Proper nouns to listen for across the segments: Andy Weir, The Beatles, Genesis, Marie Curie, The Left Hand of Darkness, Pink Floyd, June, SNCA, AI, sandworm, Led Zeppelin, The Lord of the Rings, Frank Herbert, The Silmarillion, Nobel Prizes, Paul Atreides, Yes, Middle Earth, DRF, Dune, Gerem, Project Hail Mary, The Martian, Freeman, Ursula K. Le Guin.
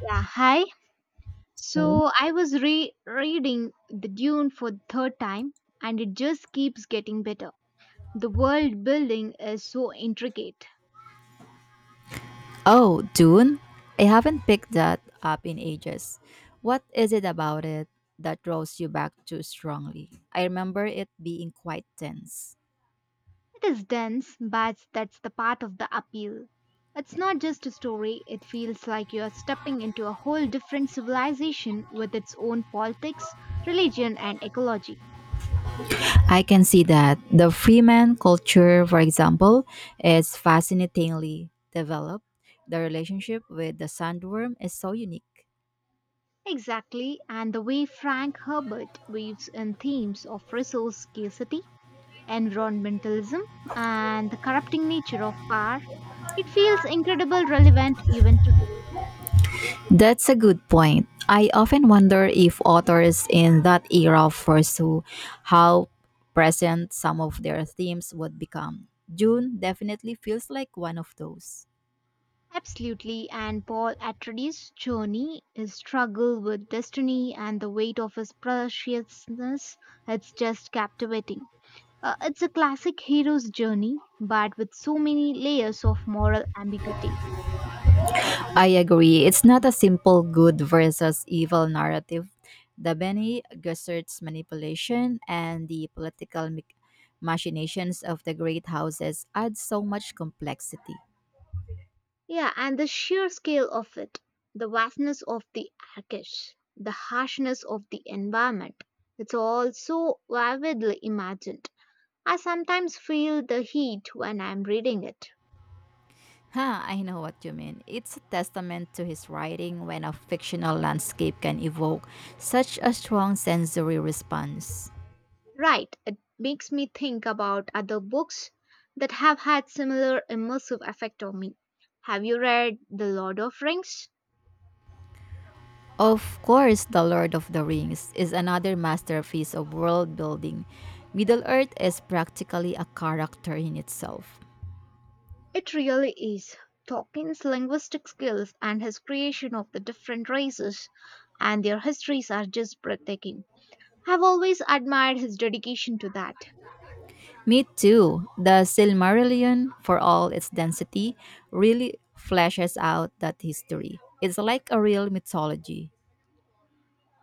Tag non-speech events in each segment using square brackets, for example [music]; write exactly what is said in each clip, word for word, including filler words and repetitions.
Yeah, hi. Okay. So I was re reading the Dune for the third time, and it just keeps getting better. The world building is so intricate. Oh, Dune? I haven't picked that up in ages. What is it about it that draws you back too strongly? I remember it being quite tense. It is dense, but that's the part of the appeal. It's not just a story, it feels like you're stepping into a whole different civilization with its own politics, religion, and ecology. I can see that. The Freeman culture, for example, is fascinatingly developed. The relationship with the sandworm is so unique. Exactly, and the way Frank Herbert weaves in themes of resource scarcity environmentalism, and the corrupting nature of power, it feels incredibly relevant even today. That's a good point. I often wonder if authors in that era foresaw how present some of their themes would become. June definitely feels like one of those. Absolutely, and Paul Atreides' journey, his struggle with destiny, and the weight of his preciousness, it's just captivating. Uh, it's a classic hero's journey, but with so many layers of moral ambiguity. I agree. It's not a simple good versus evil narrative. The Bene Gesserit's manipulation and the political mi- machinations of the great houses add so much complexity. Yeah, and the sheer scale of it, the vastness of the Arctic, the harshness of the environment, it's all so vividly imagined. I sometimes feel the heat when I'm reading it. Ha, I know what you mean. It's a testament to his writing when a fictional landscape can evoke such a strong sensory response. Right, it makes me think about other books that have had similar immersive effect on me. Have you read The Lord of Rings? Of course, The Lord of the Rings is another masterpiece of world building. Middle Earth is practically a character in itself. It really is. Tolkien's linguistic skills and his creation of the different races and their histories are just breathtaking. I've always admired his dedication to that. Me too. The Silmarillion, for all its density, really fleshes out that history. It's like a real mythology.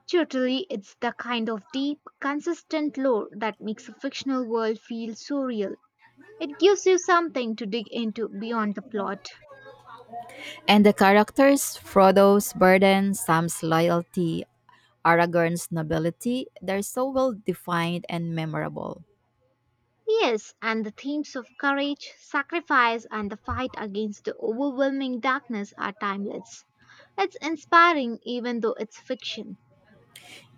Totally, it's the kind of deep, consistent lore that makes a fictional world feel so real. It gives you something to dig into beyond the plot. And the characters Frodo's burden, Sam's loyalty, Aragorn's nobility, they're so well defined and memorable. Yes, and the themes of courage, sacrifice, and the fight against the overwhelming darkness are timeless. It's inspiring even though it's fiction.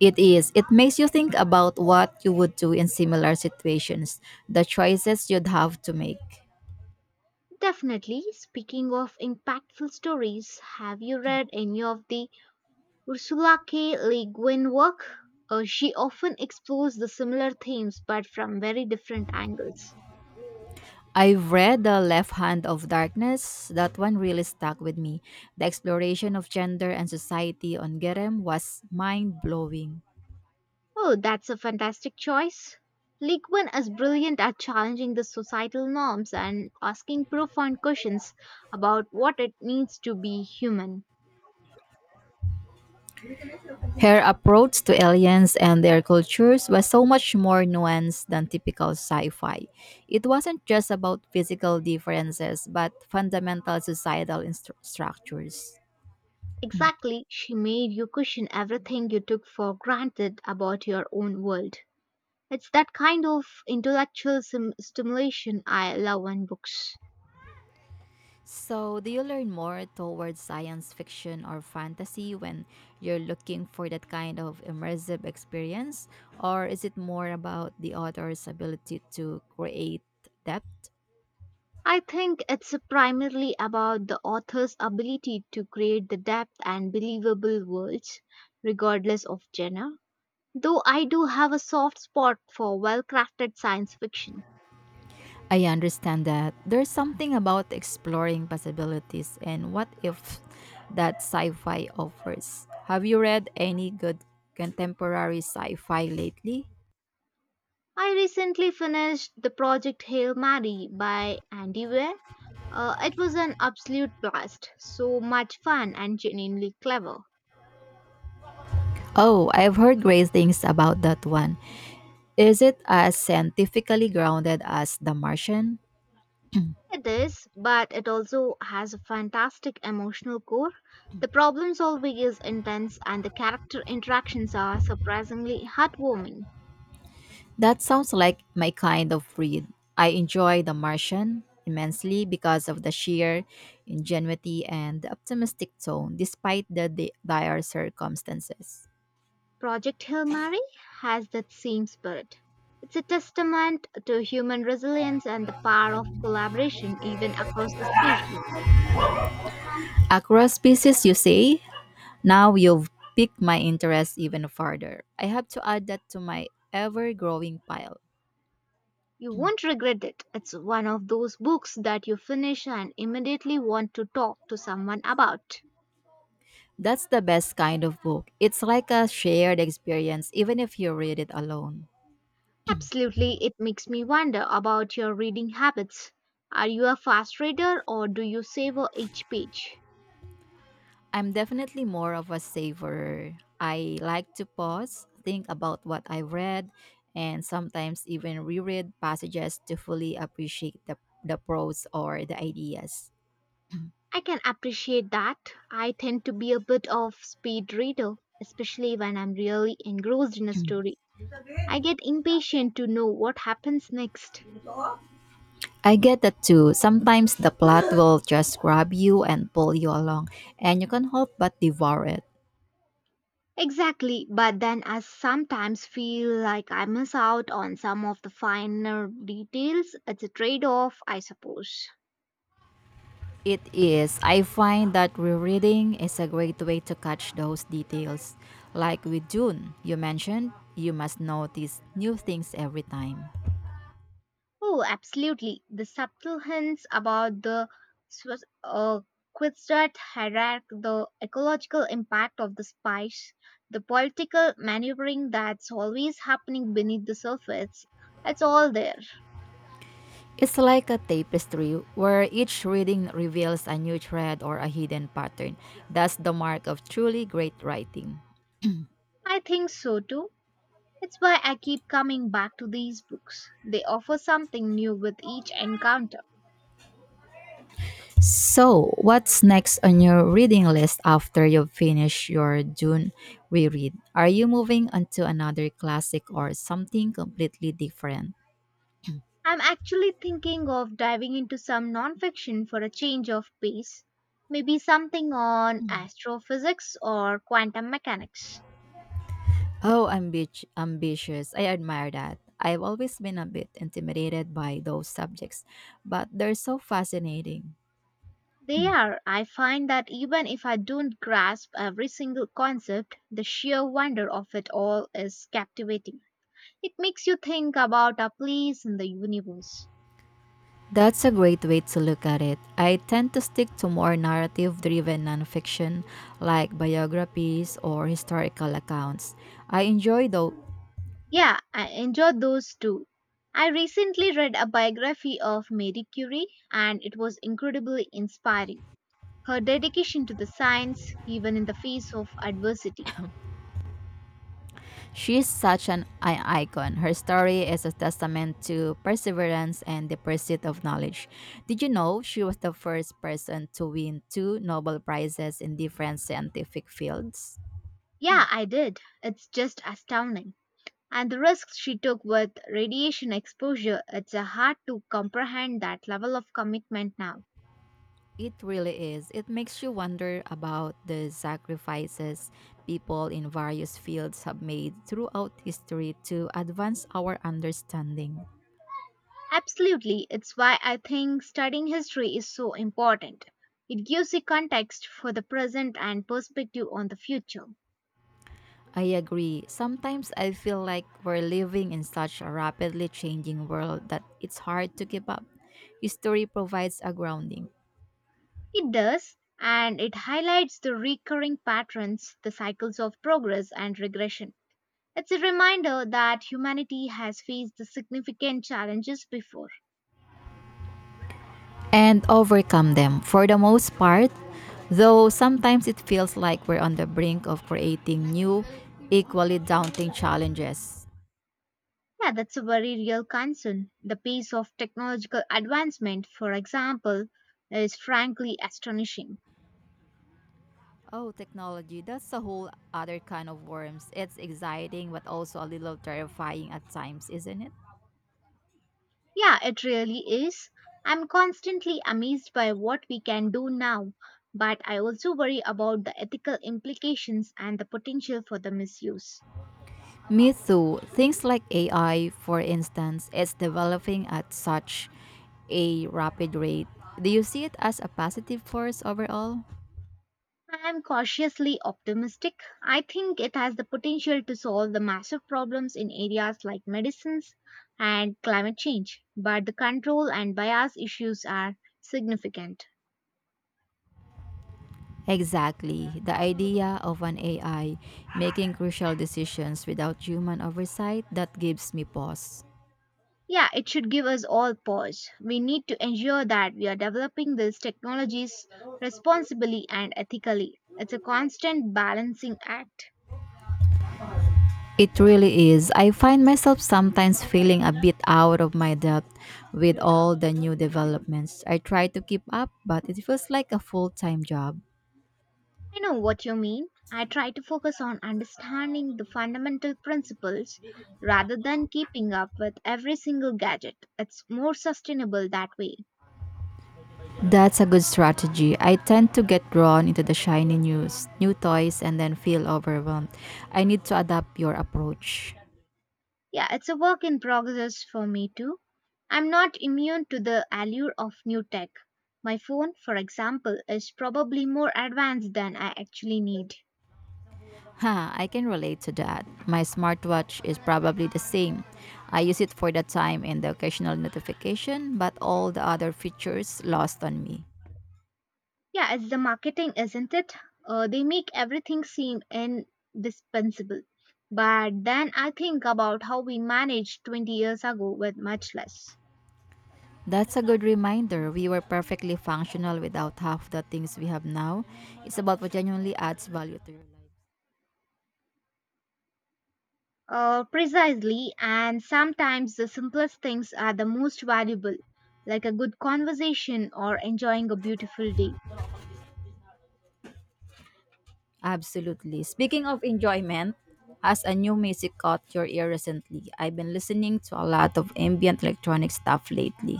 It is. It makes you think about what you would do in similar situations, the choices you'd have to make. Definitely, speaking of impactful stories, have you read any of the Ursula K. Le Guin work, uh, she often explores the similar themes but from very different angles. I've read The Left Hand of Darkness. That one really stuck with me. The exploration of gender and society on Gerem was mind blowing. Oh, that's a fantastic choice. Le Guin is brilliant at challenging the societal norms and asking profound questions about what it means to be human. Her approach to aliens and their cultures was so much more nuanced than typical sci fi. It wasn't just about physical differences, but fundamental societal instru- structures. Exactly, she made you question everything you took for granted about your own world. It's that kind of intellectual sim- stimulation I love in books. So, do you learn more towards science fiction or fantasy when you're looking for that kind of immersive experience? Or is it more about the author's ability to create depth? I think it's primarily about the author's ability to create the depth and believable worlds, regardless of genre. Though I do have a soft spot for well crafted science fiction. I understand that there's something about exploring possibilities and what if that sci fi offers. Have you read any good contemporary sci fi lately? I recently finished the project Hail Mary by Andy Weir. Uh, it was an absolute blast, so much fun and genuinely clever. Oh, I've heard great things about that one. Is it as scientifically grounded as The Martian? It is, but it also has a fantastic emotional core. The problem solving is intense and the character interactions are surprisingly heartwarming. That sounds like my kind of read. I enjoy The Martian immensely because of the sheer ingenuity and the optimistic tone, despite the di- dire circumstances. Project Hail Mary has that same spirit. It's a testament to human resilience and the power of collaboration even across the species. Across species, you say? Now you've piqued my interest even further. I have to add that to my ever growing pile. You won't regret it. It's one of those books that you finish and immediately want to talk to someone about. That's the best kind of book. It's like a shared experience, even if you read it alone. Absolutely, it makes me wonder about your reading habits. Are you a fast reader or do you savor each page? I'm definitely more of a saver. I like to pause, think about what I've read, and sometimes even reread passages to fully appreciate the, the prose or the ideas. I can appreciate that. I tend to be a bit of speed reader, especially when I'm really engrossed in a story. I get impatient to know what happens next. I get that too. Sometimes the plot [gasps] will just grab you and pull you along, and you can't help but devour it. Exactly, but then I sometimes feel like I miss out on some of the finer details. It's a trade off, I suppose. It is. I find that rereading is a great way to catch those details. Like with Dune, you mentioned, you must notice new things every time. Oh, absolutely. The subtle hints about the Swiss, uh, Quistrat hierarchy, the ecological impact of the spice, the political maneuvering that's always happening beneath the surface, it's all there. It's like a tapestry where each reading reveals a new thread or a hidden pattern. That's the mark of truly great writing. I think so too. It's why I keep coming back to these books. They offer something new with each encounter. So, what's next on your reading list after you finish your June reread? Are you moving on to another classic or something completely different? I'm actually thinking of diving into some nonfiction for a change of pace. Maybe something on astrophysics or quantum mechanics. Oh, ambi- ambitious. I admire that. I've always been a bit intimidated by those subjects, but they're so fascinating. They are. I find that even if I don't grasp every single concept, the sheer wonder of it all is captivating. It makes you think about our place in the universe. That's a great way to look at it. I tend to stick to more narrative driven nonfiction like biographies or historical accounts. I enjoy though. Yeah, I enjoyed those too. I recently read a biography of Marie Curie and it was incredibly inspiring. Her dedication to the science, even in the face of adversity. She's such an i- icon. Her story is a testament to perseverance and the pursuit of knowledge. Did you know she was the first person to win two Nobel Prizes in different scientific fields? Yeah, I did. It's just astounding. And the risks she took with radiation exposure, it's uh, hard to comprehend that level of commitment now. It really is. It makes you wonder about the sacrifices people in various fields have made throughout history to advance our understanding. Absolutely, it's why I think studying history is so important. It gives you context for the present and perspective on the future. I agree. Sometimes I feel like we're living in such a rapidly changing world that it's hard to keep up. History provides a grounding It does, and it highlights the recurring patterns, the cycles of progress and regression. It's a reminder that humanity has faced the significant challenges before. and overcome them for the most part, though sometimes it feels like we're on the brink of creating new, equally daunting challenges. Yeah, that's a very real concern. The pace of technological advancement, for example, is frankly astonishing. Oh, technology. That's a whole other kind of worms. It's exciting, but also a little terrifying at times, isn't it? Yeah, it really is. I'm constantly amazed by what we can do now, but I also worry about the ethical implications and the potential for the misuse. Me too. Things like A I, for instance, is developing at such a rapid rate. Do you see it as a positive force overall? I am cautiously optimistic. I think it has the potential to solve the massive problems in areas like medicines and climate change, but the control and bias issues are significant. Exactly. The idea of an A I making crucial decisions without human oversight that gives me pause. Yeah, it should give us all pause. We need to ensure that we are developing these technologies responsibly and ethically. It's a constant balancing act. It really is. I find myself sometimes feeling a bit out of my depth with all the new developments. I try to keep up, but it feels like a full time job. I know what you mean. I try to focus on understanding the fundamental principles rather than keeping up with every single gadget. It's more sustainable that way. That's a good strategy. I tend to get drawn into the shiny news, new toys, and then feel overwhelmed. I need to adapt your approach. Yeah, it's a work in progress for me too. I'm not immune to the allure of new tech. My phone, for example, is probably more advanced than I actually need. Ha, I can relate to that. My smartwatch is probably the same. I use it for the time and the occasional notification, but all the other features lost on me. Yeah, it's the marketing, isn't it? Uh, they make everything seem indispensable. But then I think about how we managed twenty years ago with much less. That's a good reminder. We were perfectly functional without half the things we have now. It's about what genuinely adds value to your life. Uh, precisely, and sometimes the simplest things are the most valuable, like a good conversation or enjoying a beautiful day. Absolutely. Speaking of enjoyment, as a new music caught your ear recently, I've been listening to a lot of ambient electronic stuff lately.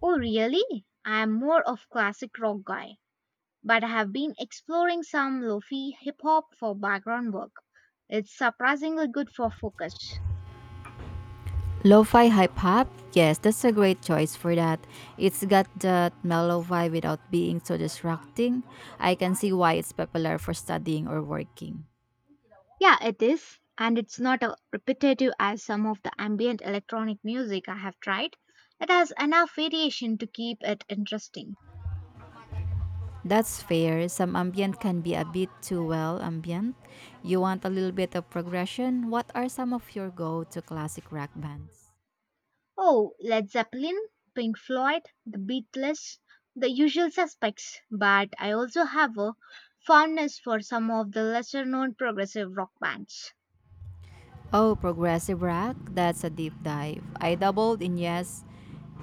Oh, really? I am more of classic rock guy, but I have been exploring some lofi hip hop for background work. It's surprisingly good for focus. Lo-fi hype hop? Yes, that's a great choice for that. It's got that mellow vibe without being so distracting. I can see why it's popular for studying or working. Yeah, it is, and it's not as repetitive as some of the ambient electronic music I have tried. It has enough variation to keep it interesting. That's fair. Some ambient can be a bit too well ambient. You want a little bit of progression. What are some of your go to classic rock bands? Oh, Led Zeppelin, Pink Floyd, The Beatles, the usual suspects, but I also have a fondness for some of the lesser known progressive rock bands. Oh, progressive rock? That's a deep dive. I doubled in Yes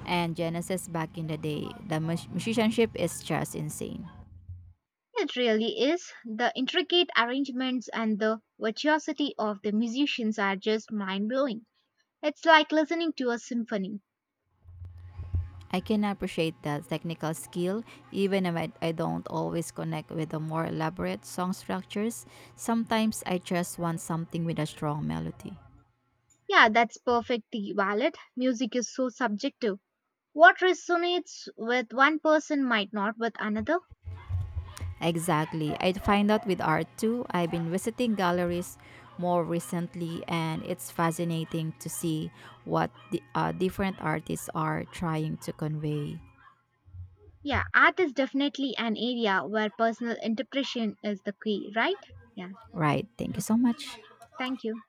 and Genesis back in the day. The mus- musicianship is just insane. It really is. The intricate arrangements and the virtuosity of the musicians are just mind blowing. It's like listening to a symphony. I can appreciate that technical skill, even if I, I don't always connect with the more elaborate song structures. Sometimes I just want something with a strong melody. Yeah, that's perfectly valid. Music is so subjective. What resonates with one person might not with another. Exactly. I'd find out with art too. I've been visiting galleries more recently, and it's fascinating to see what the uh, different artists are trying to convey. Yeah, art is definitely an area where personal interpretation is the key, right? Yeah, Right. Thank so you so much. thank you.